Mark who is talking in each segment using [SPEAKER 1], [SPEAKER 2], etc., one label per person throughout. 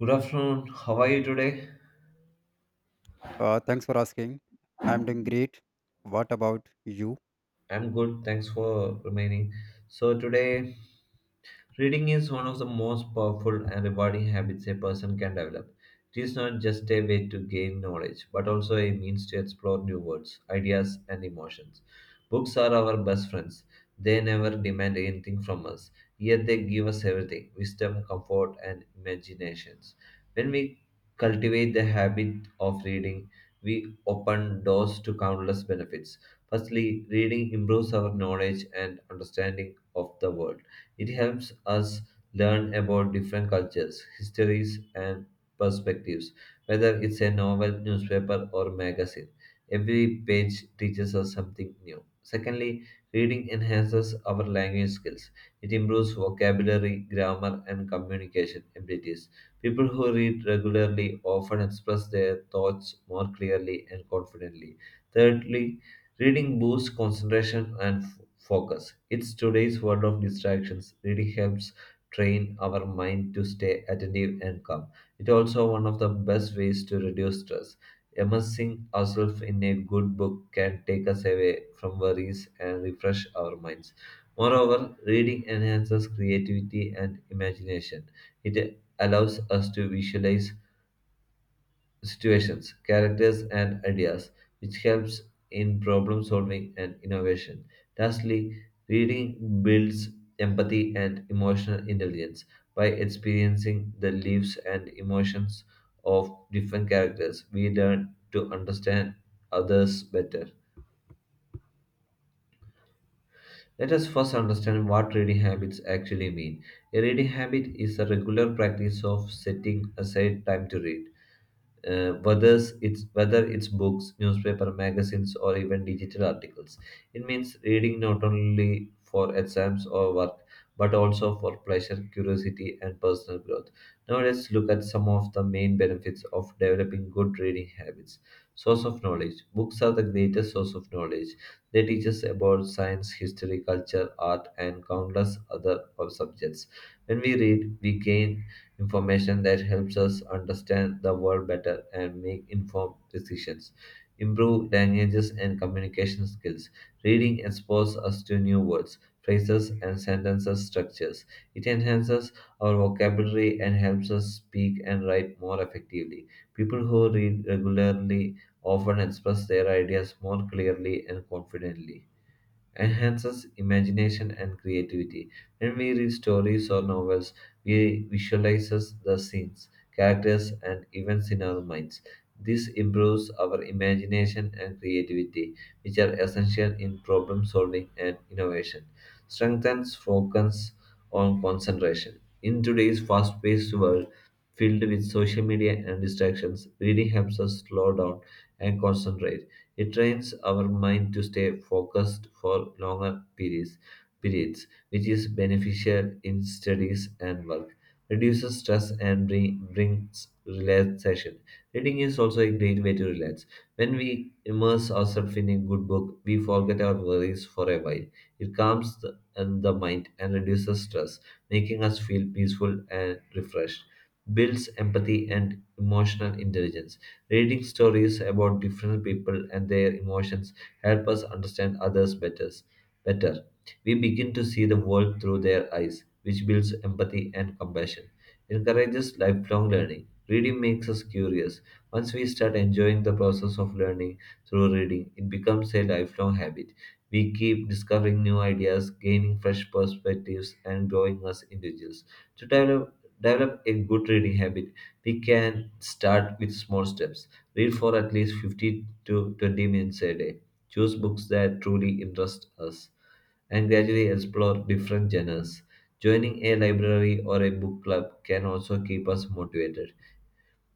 [SPEAKER 1] Good afternoon. How are you today?
[SPEAKER 2] Thanks for asking. I'm doing great. What about you?
[SPEAKER 1] I'm good. Thanks for remaining. So today, reading is one of the most powerful and rewarding habits a person can develop. It is not just a way to gain knowledge, but also a means to explore new words, ideas, and emotions. Books are our best friends. They never demand anything from us, yet they give us everything: wisdom, comfort, and imaginations. When we cultivate the habit of reading, we open doors to countless benefits. Firstly, reading improves our knowledge and understanding of the world. It helps us learn about different cultures, histories, and perspectives, whether it's a novel, newspaper, or magazine. Every page teaches us something new. Secondly, reading enhances our language skills. It improves vocabulary, grammar, and communication abilities. People who read regularly often express their thoughts more clearly and confidently. Thirdly, reading boosts concentration and focus. It's today's world of distractions, really helps train our mind to stay attentive and calm. It's also one of the best ways to reduce stress. Immersing ourselves in a good book can take us away from worries and refresh our minds. Moreover, reading enhances creativity and imagination. It allows us to visualize situations, characters, and ideas, which helps in problem solving and innovation. Lastly, reading builds empathy and emotional intelligence by experiencing the lives and emotions of different characters. We learn to understand others better. Let us first understand what reading habits actually mean. A reading habit is a regular practice of setting aside time to read, whether it's books, newspaper, magazines, or even digital articles. It means reading not only for exams or work, but also for pleasure, curiosity, and personal growth. Now let's look at some of the main benefits of developing good reading habits. Source of knowledge. Books are the greatest source of knowledge. They teach us about science, history, culture, art, and countless other of subjects. When we read, we gain information that helps us understand the world better and make informed decisions. Improve languages and communication skills. Reading exposes us to new words, phrases, and sentences structures. It enhances our vocabulary and helps us speak and write more effectively. People who read regularly often express their ideas more clearly and confidently enhances imagination and creativity. When we read stories or novels, we visualize the scenes, characters, and events in our minds. This improves our imagination and creativity, which are essential in problem solving and innovation. Strengthens focus on concentration. In today's fast paced world, filled with social media and distractions, reading helps us slow down and concentrate. It trains our mind to stay focused for longer periods, which is beneficial in studies and work. Reduces stress and brings relaxation. Reading is also a great way to relax. When we immerse ourselves in a good book, we forget our worries for a while. It calms the mind and reduces stress, making us feel peaceful and refreshed. Builds empathy and emotional intelligence. Reading stories about different people and their emotions help us understand others better. Better, we begin to see the world through their eyes, which builds empathy and compassion. Encourages lifelong learning. Reading makes us curious. Once we start enjoying the process of learning through reading, it becomes a lifelong habit. We keep discovering new ideas, gaining fresh perspectives, and growing as individuals. To develop a good reading habit, we can start with small steps. Read for at least 15 to 20 minutes a day. Choose books that truly interest us, and gradually explore different genres. Joining a library or a book club can also keep us motivated.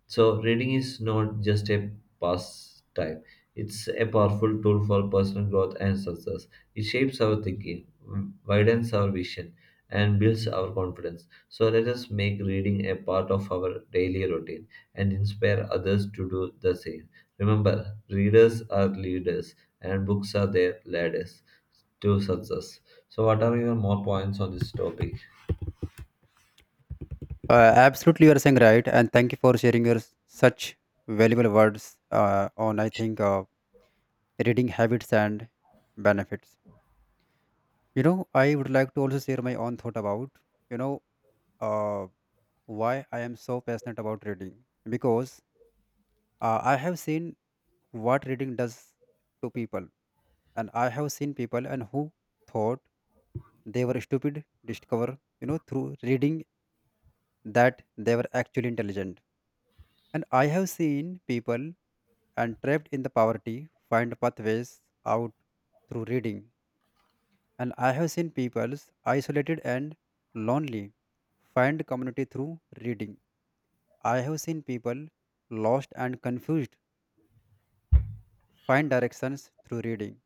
[SPEAKER 1] So, reading is not just a pastime, it's a powerful tool for personal growth and success. It shapes our thinking, widens our vision, and builds our confidence. So, let us make reading a part of our daily routine and inspire others to do the same. Remember, readers are leaders, and books are their ladders to success. So, what are your more points on this topic?
[SPEAKER 2] Uh, Absolutely, you are saying right, and thank you for sharing your such valuable words on I think, reading habits and benefits. You know, I would like to also share my own thought about you know uh, why I am so passionate about reading because I have seen what reading does to people, and I have seen people and who thought they were stupid discover, you know, through reading that they were actually intelligent. And I have seen people and trapped in the poverty find pathways out through reading. And I have seen peoples isolated and lonely find community through reading. I have seen people lost and confused find directions through reading.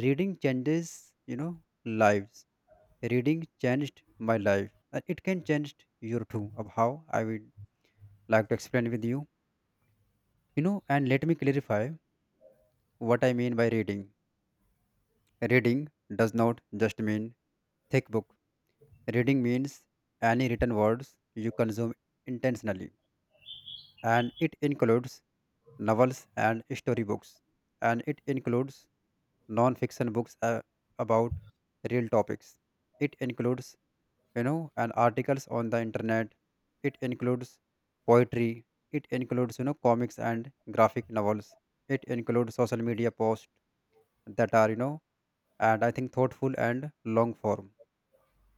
[SPEAKER 2] Reading changes, you know, lives. Reading changed my life. And it can change your too of how I would like to explain with you. You know, and let me clarify what I mean by reading. Reading does not just mean thick book. Reading means any written words you consume intentionally, and it includes novels and storybooks, and it includes non-fiction books about real topics. It includes, you know, and articles on the internet. It includes poetry. It includes, you know, comics and graphic novels. It includes social media posts that are, you know, and I think thoughtful and long form.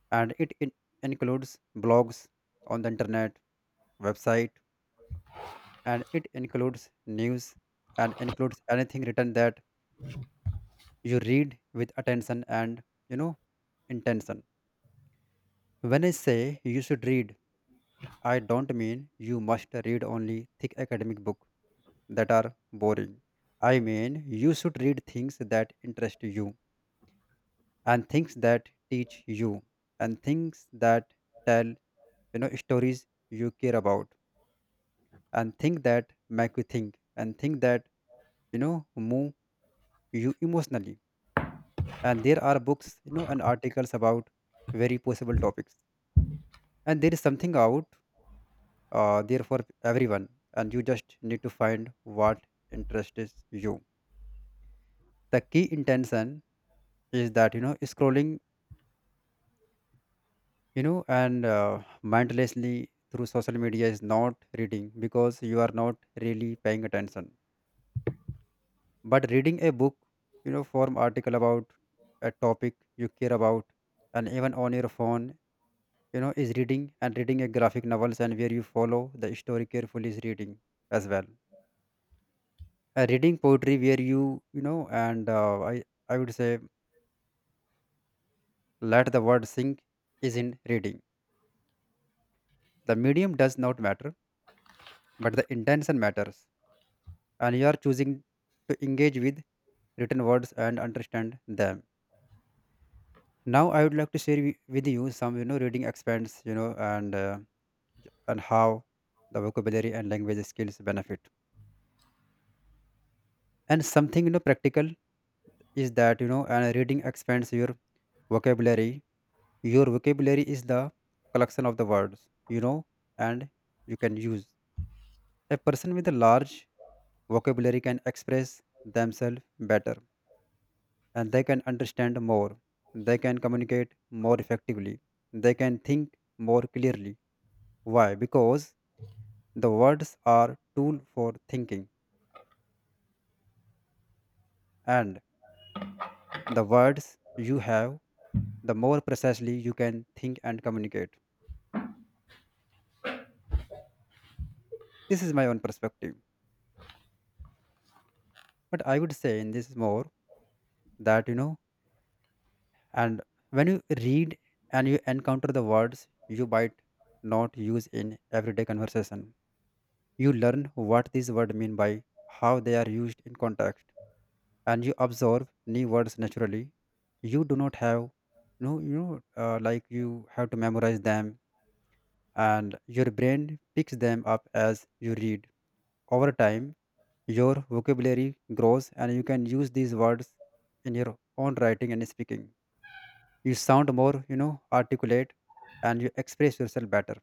[SPEAKER 2] And includes blogs on the internet, website, and it includes news, and includes anything written that you read with attention and, you know, intention. When I say you should read, I don't mean you must read only thick academic books that are boring. I mean you should read things that interest you, and things that teach you, and things that tell, you know, stories you care about, and things that make you think, and things that, you know, move you emotionally. And there are books, you know, and articles about very possible topics, and there is something out there for everyone, and you just need to find what interests you. The key intention is that, you know, scrolling, you know, and mindlessly through social media is not reading because you are not really paying attention. But reading a book, you know, form article about a topic you care about, and even on your phone, you know, is reading. And reading a graphic novels and where you follow the story carefully is reading as well. Reading poetry where you know, and I would say let the word sink is in reading. The medium does not matter, but the intention matters, and you are choosing to engage with written words and understand them. Now I would like to share with you some, you know, reading expands, you know, and how the vocabulary and language skills benefit, and something, you know, practical is that, you know, and reading expands your vocabulary. Your vocabulary is the collection of the words you know, and you can use. A person with a large vocabulary can express themselves better, and they can understand more. They can communicate more effectively. They can think more clearly. Why? Because the words are tool for thinking, and the words you have, the more precisely you can think and communicate. This is my own perspective. But I would say in this more that, you know, and when you read and you encounter the words you might not use in everyday conversation, you learn what these words mean by how they are used in context, and you observe new words naturally. You do not have no, you know, like you have to memorize them, and your brain picks them up as you read over time. Your vocabulary grows and you can use these words in your own writing and speaking. You sound more, you know, articulate, and you express yourself better.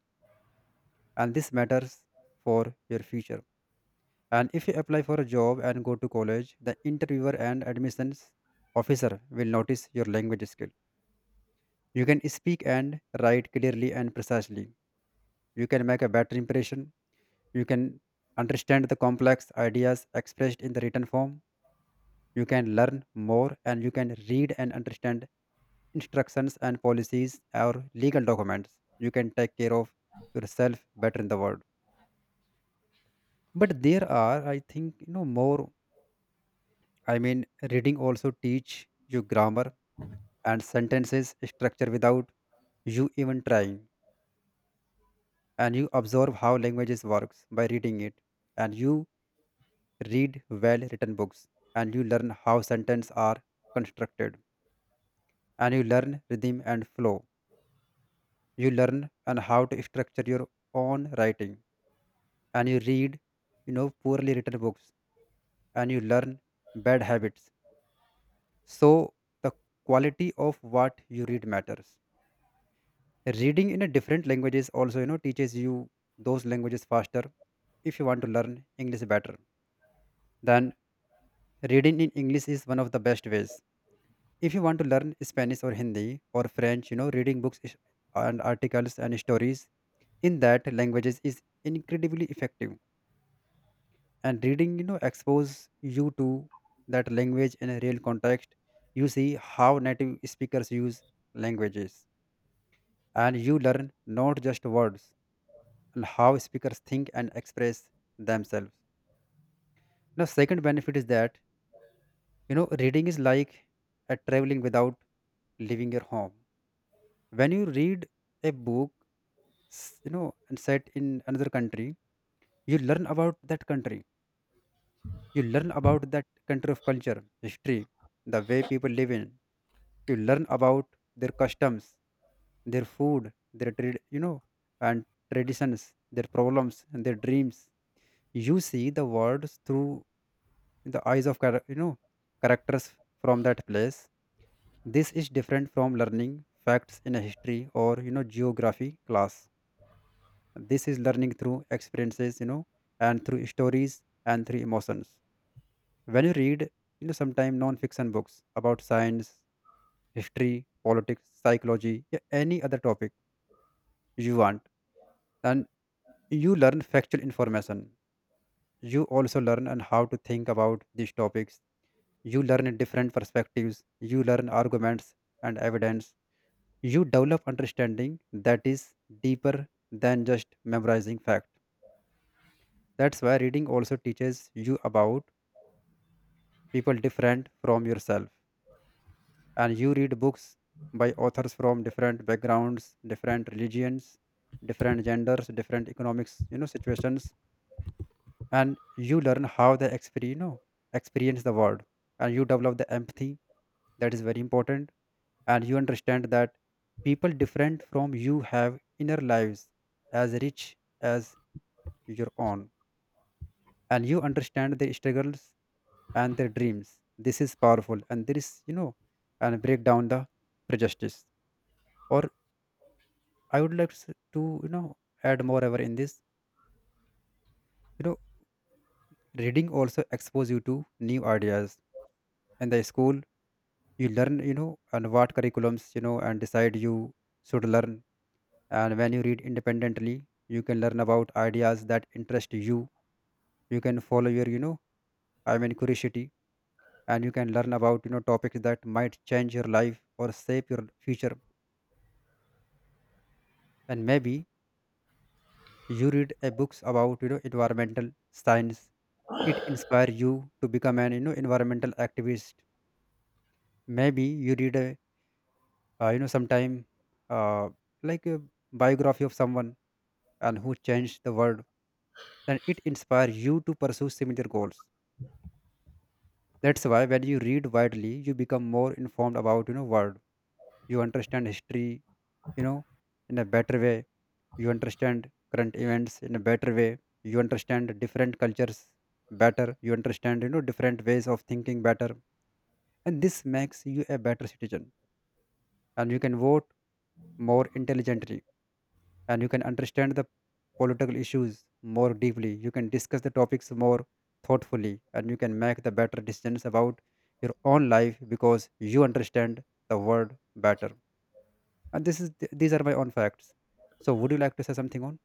[SPEAKER 2] And this matters for your future. And if you apply for a job and go to college, the interviewer and admissions officer will notice your language skill. You can speak and write clearly and precisely. You can make a better impression. You can understand the complex ideas expressed in the written form. You can learn more, and you can read and understand instructions and policies or legal documents. You can take care of yourself better in the world. But there are, I think, you know, more, I mean, reading also teach you grammar and sentences structure without you even trying, and you observe how languages works by reading it. And you read well written books and you learn how sentences are constructed, and you learn rhythm and flow. You learn and how to structure your own writing. And you read, you know, poorly written books and you learn bad habits. So the quality of what you read matters. Reading in a different languages also, you know, teaches you those languages faster. If you want to learn English better, then reading in English is one of the best ways. If you want to learn Spanish or Hindi or French, you know, reading and articles and stories in that languages is incredibly effective. And reading, you know, expose you to that language in a real context. You see how native speakers use languages, and you learn not just words, and how speakers think and express themselves. Now second benefit is that, you know, reading is like a traveling without leaving your home. When you read a book, you know, and set in another country, you learn about that country. You learn about that country of culture, history, the way people live in. You learn about their customs, their food, their trade, you know, and traditions, their problems and their dreams. You see the world through the eyes of you know, characters from that place. This is different from learning facts in a history or, you know, geography class. This is learning through experiences, you know, and through stories and through emotions. When you read, you know, sometimes non-fiction books about science, history, politics, psychology, yeah, any other topic you want, and you learn factual information. You also learn and how to think about these topics. You learn different perspectives. You learn arguments and evidence. You develop understanding that is deeper than just memorizing fact. That's why reading also teaches you about people different from yourself. And you read books by authors from different backgrounds, different religions, different genders, different economics, you know, situations, and you learn how they experience, you know, experience the world, and you develop the empathy that is very important. And you understand that people different from you have inner lives as rich as your own, and you understand their struggles and their dreams. This is powerful, and there is, you know, and break down the prejudice or I would like to, to, you know, add more ever in this. You know, reading also expose you to new ideas. In the school, you learn, you know, and what curriculums, you know, and decide you should learn. And when you read independently, you can learn about ideas that interest you. You can follow your, you know, I mean curiosity, and you can learn about, you know, topics that might change your life or shape your future. And maybe you read a books about, you know, environmental science, it inspire you to become an, you know, environmental activist. Maybe you read a you know, sometime uh, like a biography of someone and who changed the world, and it inspire you to pursue similar goals. That's why when you read widely, you become more informed about, you know, world. You understand history, you know, in a better way. You understand current events in a better way. You understand different cultures better. You understand, you know, different ways of thinking better. And this makes you a better citizen, and you can vote more intelligently, and you can understand the political issues more deeply. You can discuss the topics more thoughtfully, and you can make the better decisions about your own life because you understand the world better. And this is these are my own facts. So would you like to say something on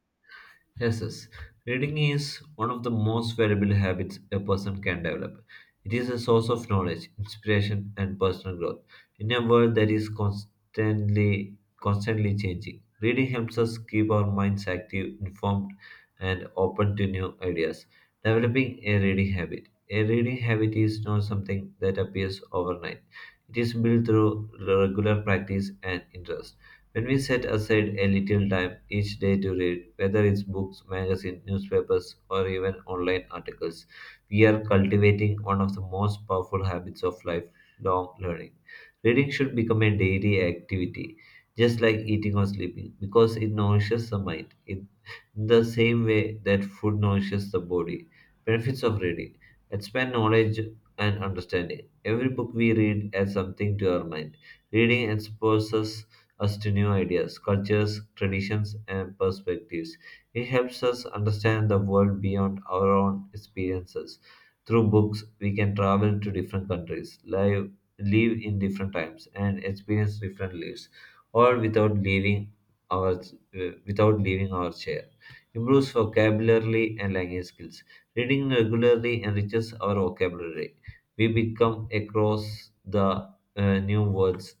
[SPEAKER 1] Yes, yes. Reading is one of the most valuable habits a person can develop. It is a source of knowledge, inspiration, and personal growth. In a world that is constantly changing, reading helps us keep our minds active, informed, and open to new ideas. Developing a reading habit. A reading habit is not something that appears overnight. It is built through regular practice and interest. When we set aside a little time each day to read, whether it's books, magazines, newspapers, or even online articles, we are cultivating one of the most powerful habits of lifelong learning. Reading should become a daily activity, just like eating or sleeping, because it nourishes the mind in the same way that food nourishes the body. Benefits of reading: expand knowledge and understanding. Every book we read adds something to our mind. Reading exposes us to new ideas, cultures, traditions, and perspectives. It helps us understand the world beyond our own experiences. Through books, we can travel to different countries, live in different times, and experience different lives, all without leaving our without leaving our chair. Improves vocabulary and language skills. Reading regularly enriches our vocabulary. We become across the new words,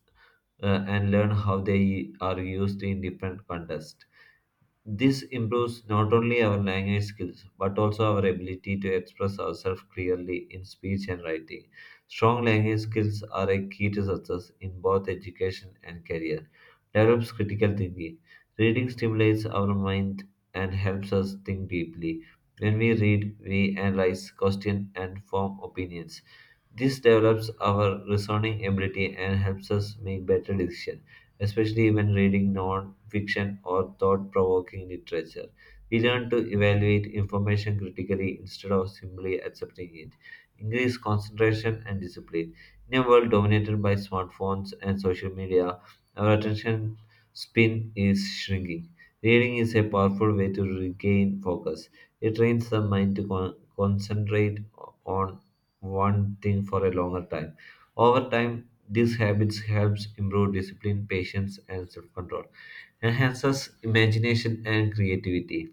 [SPEAKER 1] and learn how they are used in different contexts. This improves not only our language skills but also our ability to express ourselves clearly in speech and writing. Strong language skills are a key to success in both education and career. Develops critical thinking. Reading stimulates our mind and helps us think deeply. When we read, we analyze, question, and form opinions. This develops our reasoning ability and helps us make better decisions, especially when reading non fiction or thought provoking literature. We learn to evaluate information critically instead of simply accepting it. Increase concentration and discipline. In a world dominated by smartphones and social media, our attention span is shrinking. Reading is a powerful way to regain focus. It trains the mind to concentrate on one thing for a longer time. Over time, these habits helps improve discipline, patience, and self-control, enhances imagination and creativity.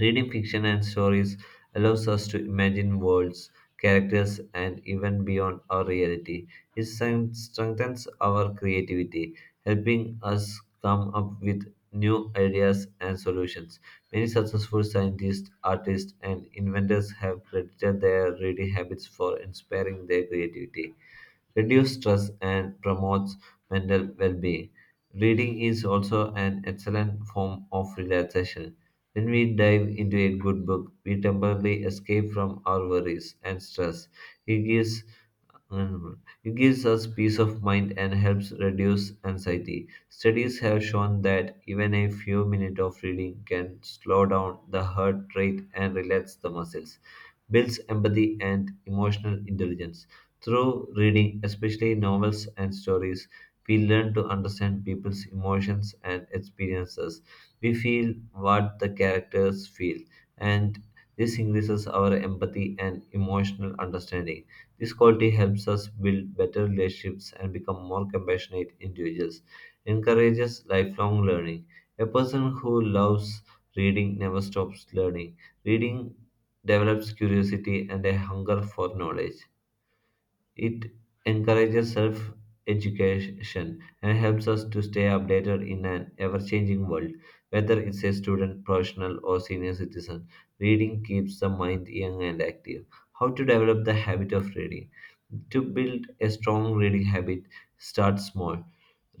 [SPEAKER 1] Reading fiction and stories allows us to imagine worlds, characters, and even beyond our reality. It strengthens our creativity, helping us come up with new ideas and solutions. Many successful scientists, artists, and inventors have credited their reading habits for inspiring their creativity. Reduce stress and promotes mental well-being. Reading is also an excellent form of relaxation. When we dive into a good book, we temporarily escape from our worries and stress. It gives it gives us peace of mind and helps reduce anxiety. Studies have shown that even a few minutes of reading can slow down the heart rate and relax the muscles, builds empathy and emotional intelligence. Through reading, especially novels and stories, we learn to understand people's emotions and experiences. We feel what the characters feel, and this increases our empathy and emotional understanding. This quality helps us build better relationships and become more compassionate individuals. Encourages lifelong learning. A person who loves reading never stops learning. Reading develops curiosity and a hunger for knowledge. It encourages self education and helps us to stay updated in an ever changing world. Whether it's a student, professional, or senior citizen, reading keeps the mind young and active. How to develop the habit of reading? To build a strong reading habit, start small.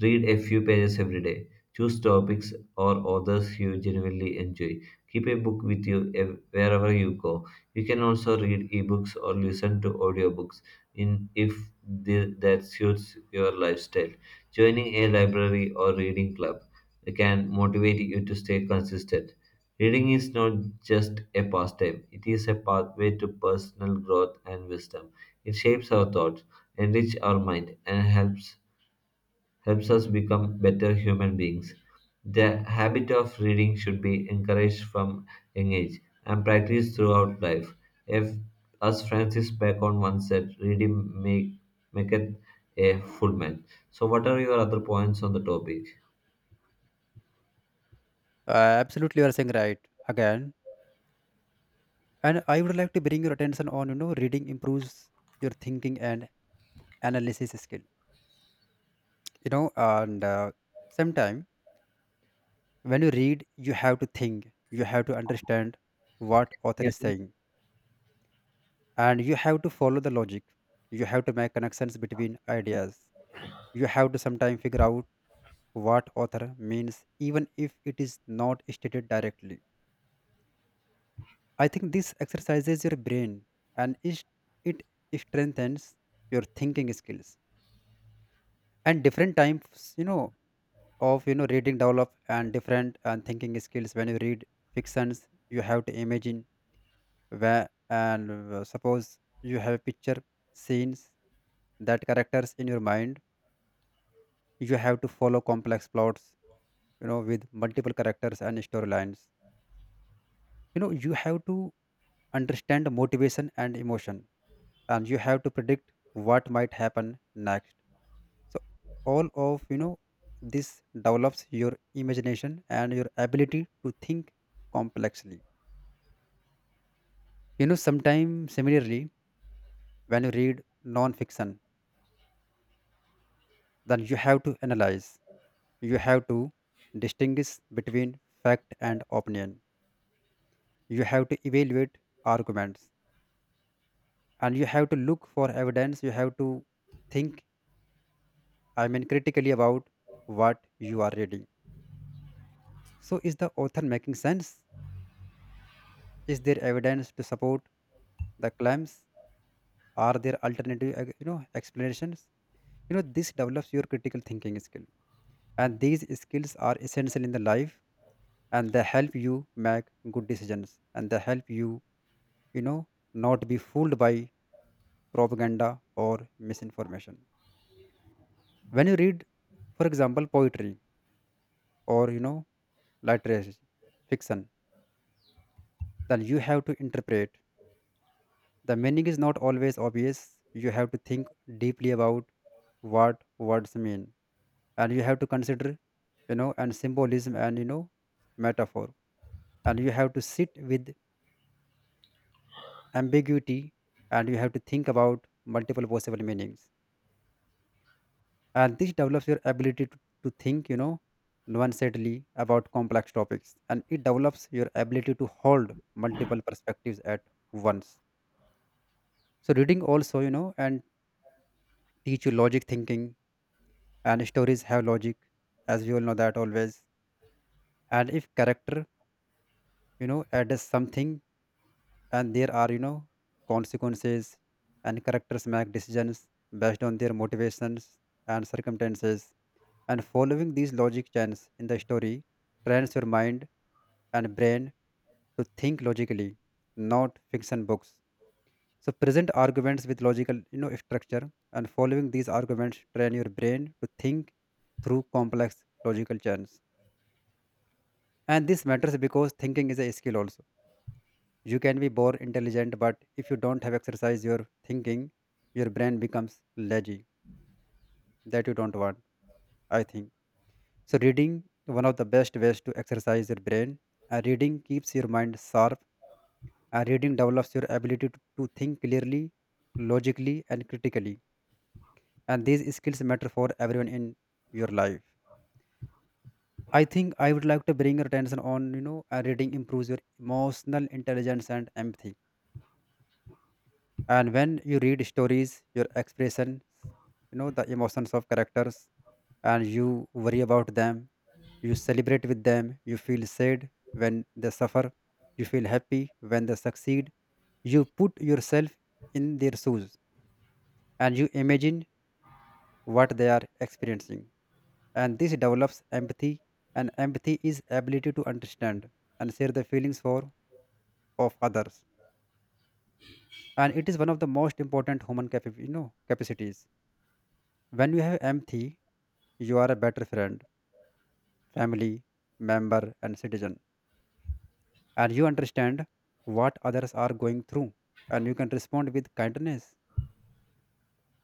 [SPEAKER 1] Read a few pages every day. Choose topics or authors you genuinely enjoy. Keep a book with you wherever you go. You can also read ebooks or listen to audiobooks in if the, that suits your lifestyle. Joining a library or reading club can motivate you to stay consistent. Reading is not just a pastime, it is a pathway to personal growth and wisdom. It shapes our thoughts, enriches our mind, and helps us become better human beings. The habit of reading should be encouraged from young age and practiced throughout life. If, as Francis Bacon once said, reading maketh a full man. So, what are your other points on the topic?
[SPEAKER 2] absolutely you are saying right again. And I would like to bring your attention on, you know, reading improves your thinking and analysis skill. You know, and sometimes when you read, you have to think, you have to understand what author
[SPEAKER 1] Yeah.
[SPEAKER 2] is saying, and you have to follow the logic. You have to make connections between ideas. You have to sometimes figure out what author means, even if it is not stated directly. I think this exercises your brain, and it strengthens your thinking skills, and different types of reading develop and different and thinking skills. When you read fictions, you have to imagine where, and suppose you have picture scenes that characters in your mind. You have to follow complex plots with multiple characters and storylines. You have to understand motivation and emotion, and you have to predict what might happen next. So all of this develops your imagination and your ability to think complexly. Sometimes, similarly, when you read non-fiction, then you have to analyze, you have to distinguish between fact and opinion, you have to evaluate arguments, and you have to look for evidence. You have to think, I mean, critically about what you are reading. So, is the author making sense? Is there evidence to support the claims? Are there alternative, explanations? This develops your critical thinking skill, and these skills are essential in the life, and they help you make good decisions, and they help you, you know, not be fooled by propaganda or misinformation. When you read, for example, poetry, or literature, fiction, then you have to interpret. The meaning is not always obvious. You have to think deeply about what words mean, and you have to consider, and symbolism, and metaphor, and you have to sit with ambiguity, and you have to think about multiple possible meanings. And this develops your ability to think, nuancedly about complex topics, and it develops your ability to hold multiple perspectives at once. So reading also, and teach you logic thinking, and stories have logic, as we all know that always. And if character adds something, and there are consequences, and characters make decisions based on their motivations and circumstances. And following these logic chains in the story trains your mind and brain to think logically. Not fiction books, so present arguments with logical structure, and following these arguments train your brain to think through complex logical chains. And this matters because thinking is a skill also. You can be born intelligent, but if you don't have exercise your thinking, your brain becomes lazy. That you don't want, I think. So reading one of the best ways to exercise your brain. Reading keeps your mind sharp. Reading develops your ability to think clearly, logically, and critically. And these skills matter for everyone in your life. I think I would like to bring your attention on reading improves your emotional intelligence and empathy. And when you read stories, your expressions, the emotions of characters, and you worry about them, you celebrate with them, you feel sad when they suffer, you feel happy when they succeed. You put yourself in their shoes, and you imagine what they are experiencing, and this develops empathy. And empathy is ability to understand and share the feelings for of others, and it is one of the most important human capacities. When you have empathy, you are a better friend, family member, and citizen, and you understand what others are going through, and you can respond with kindness,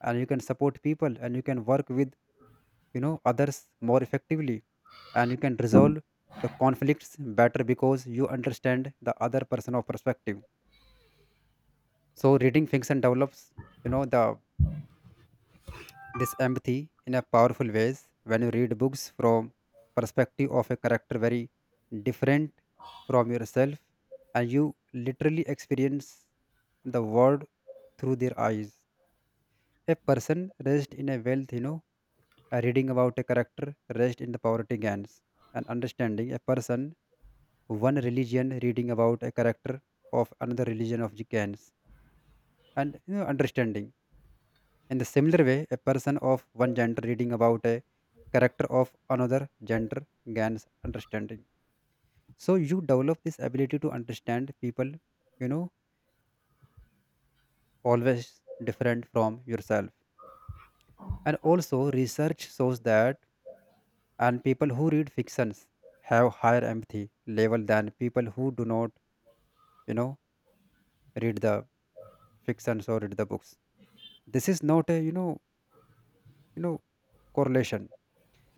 [SPEAKER 2] and you can support people, and you can work with others more effectively, and you can resolve the conflicts better because you understand the other person of perspective. So reading fiction develops, the this empathy in a powerful ways when you read books from perspective of a character very different from yourself, and you literally experience the world through their eyes. A person raised in a wealth, reading about a character raised in the poverty gangs and understanding a person one religion, reading about a character of another religion of the gangs, and understanding. In the similar way, a person of one gender reading about a character of another gender gains understanding. So you develop this ability to understand people, you know, always different from yourself. And also, research shows that and people who read fictions have higher empathy level than people who do not, you know, read the fictions or read the books. This is not a, you know, correlation.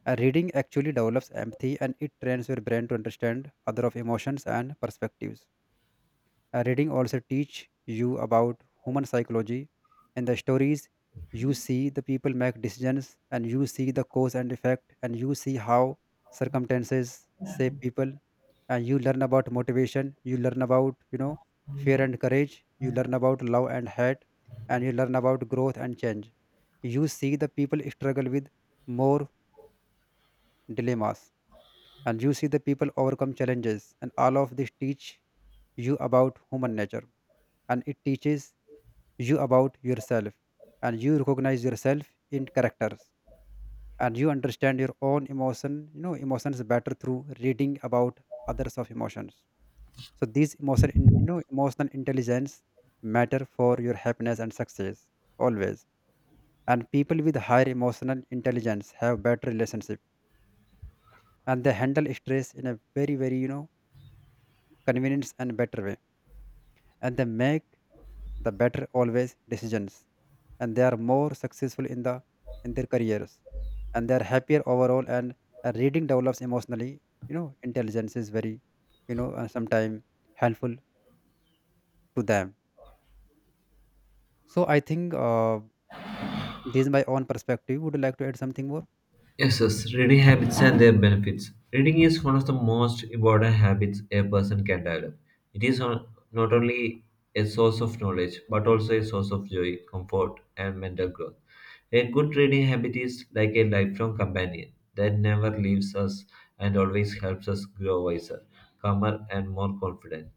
[SPEAKER 2] Reading actually develops empathy, and it trains your brain to understand other of emotions and perspectives. Reading also teach you about human psychology. In the stories, you see the people make decisions, and you see the cause and effect, and you see how circumstances shape people. And you learn about motivation, you learn about fear and courage, you learn about love and hate, and you learn about growth and change. You see the people struggle with more dilemmas, and you see the people overcome challenges, and all of this teach you about human nature, and it teaches you about yourself. And you recognize yourself in characters, and you understand your own emotions better through reading about others of emotions. So these emotional intelligence matter for your happiness and success always. And people with higher emotional intelligence have better relationship, and they handle stress in a very, very convenience and better way, and they make the better always decisions, and they are more successful in their careers, and they are happier overall. And reading develops emotionally, intelligence is very, sometime helpful to them. So I think, this is my own perspective. Would you like to add something more?
[SPEAKER 1] Yes, yes, reading habits and their benefits. Reading is one of the most important habits a person can develop. It is not only a source of knowledge, but also a source of joy, comfort, and mental growth. A good reading habit is like a lifelong companion that never leaves us and always helps us grow wiser, calmer, and more confident.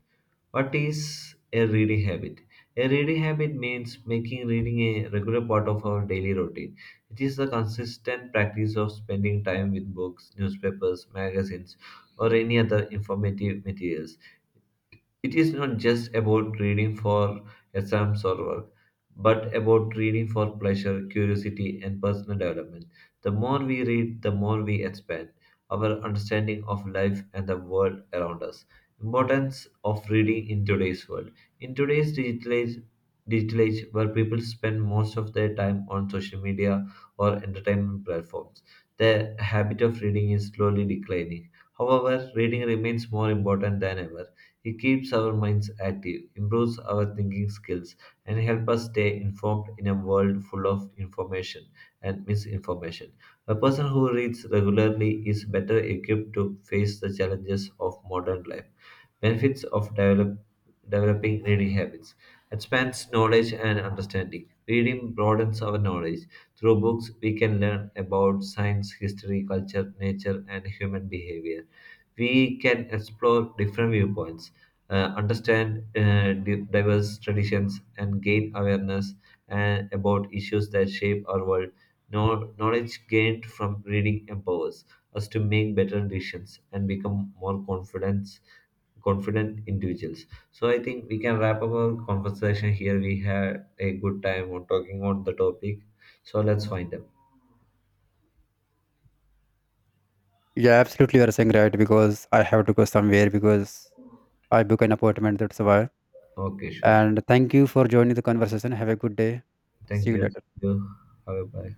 [SPEAKER 1] What is a reading habit? A reading habit means making reading a regular part of our daily routine. It is the consistent practice of spending time with books, newspapers, magazines, or any other informative materials. It is not just about reading for exams or work, but about reading for pleasure, curiosity, and personal development. The more we read, the more we expand our understanding of life and the world around us. Importance of reading in today's world. In today's digital age where people spend most of their time on social media or entertainment platforms, the habit of reading is slowly declining. However, reading remains more important than ever. It keeps our minds active, improves our thinking skills, and helps us stay informed in a world full of information and misinformation. A person who reads regularly is better equipped to face the challenges of modern life. Benefits of developing reading habits, expands knowledge and understanding. Reading broadens our knowledge. Through books, we can learn about science, history, culture, nature, and human behavior. We can explore different viewpoints, understand diverse traditions, and gain awareness about issues that shape our world. Knowledge gained from reading empowers us to make better decisions and become more confident individuals. So I think we can wrap up our conversation here. We had a good time on talking on the topic. So let's find them.
[SPEAKER 2] Yeah, absolutely, you are saying right, because I have to go somewhere, because I book an appointment, that's why.
[SPEAKER 1] Okay, sure, sure.
[SPEAKER 2] And thank you for joining the conversation. Have a good day.
[SPEAKER 1] Thank
[SPEAKER 2] See you
[SPEAKER 1] you. Thank
[SPEAKER 2] later.
[SPEAKER 1] you. Bye bye.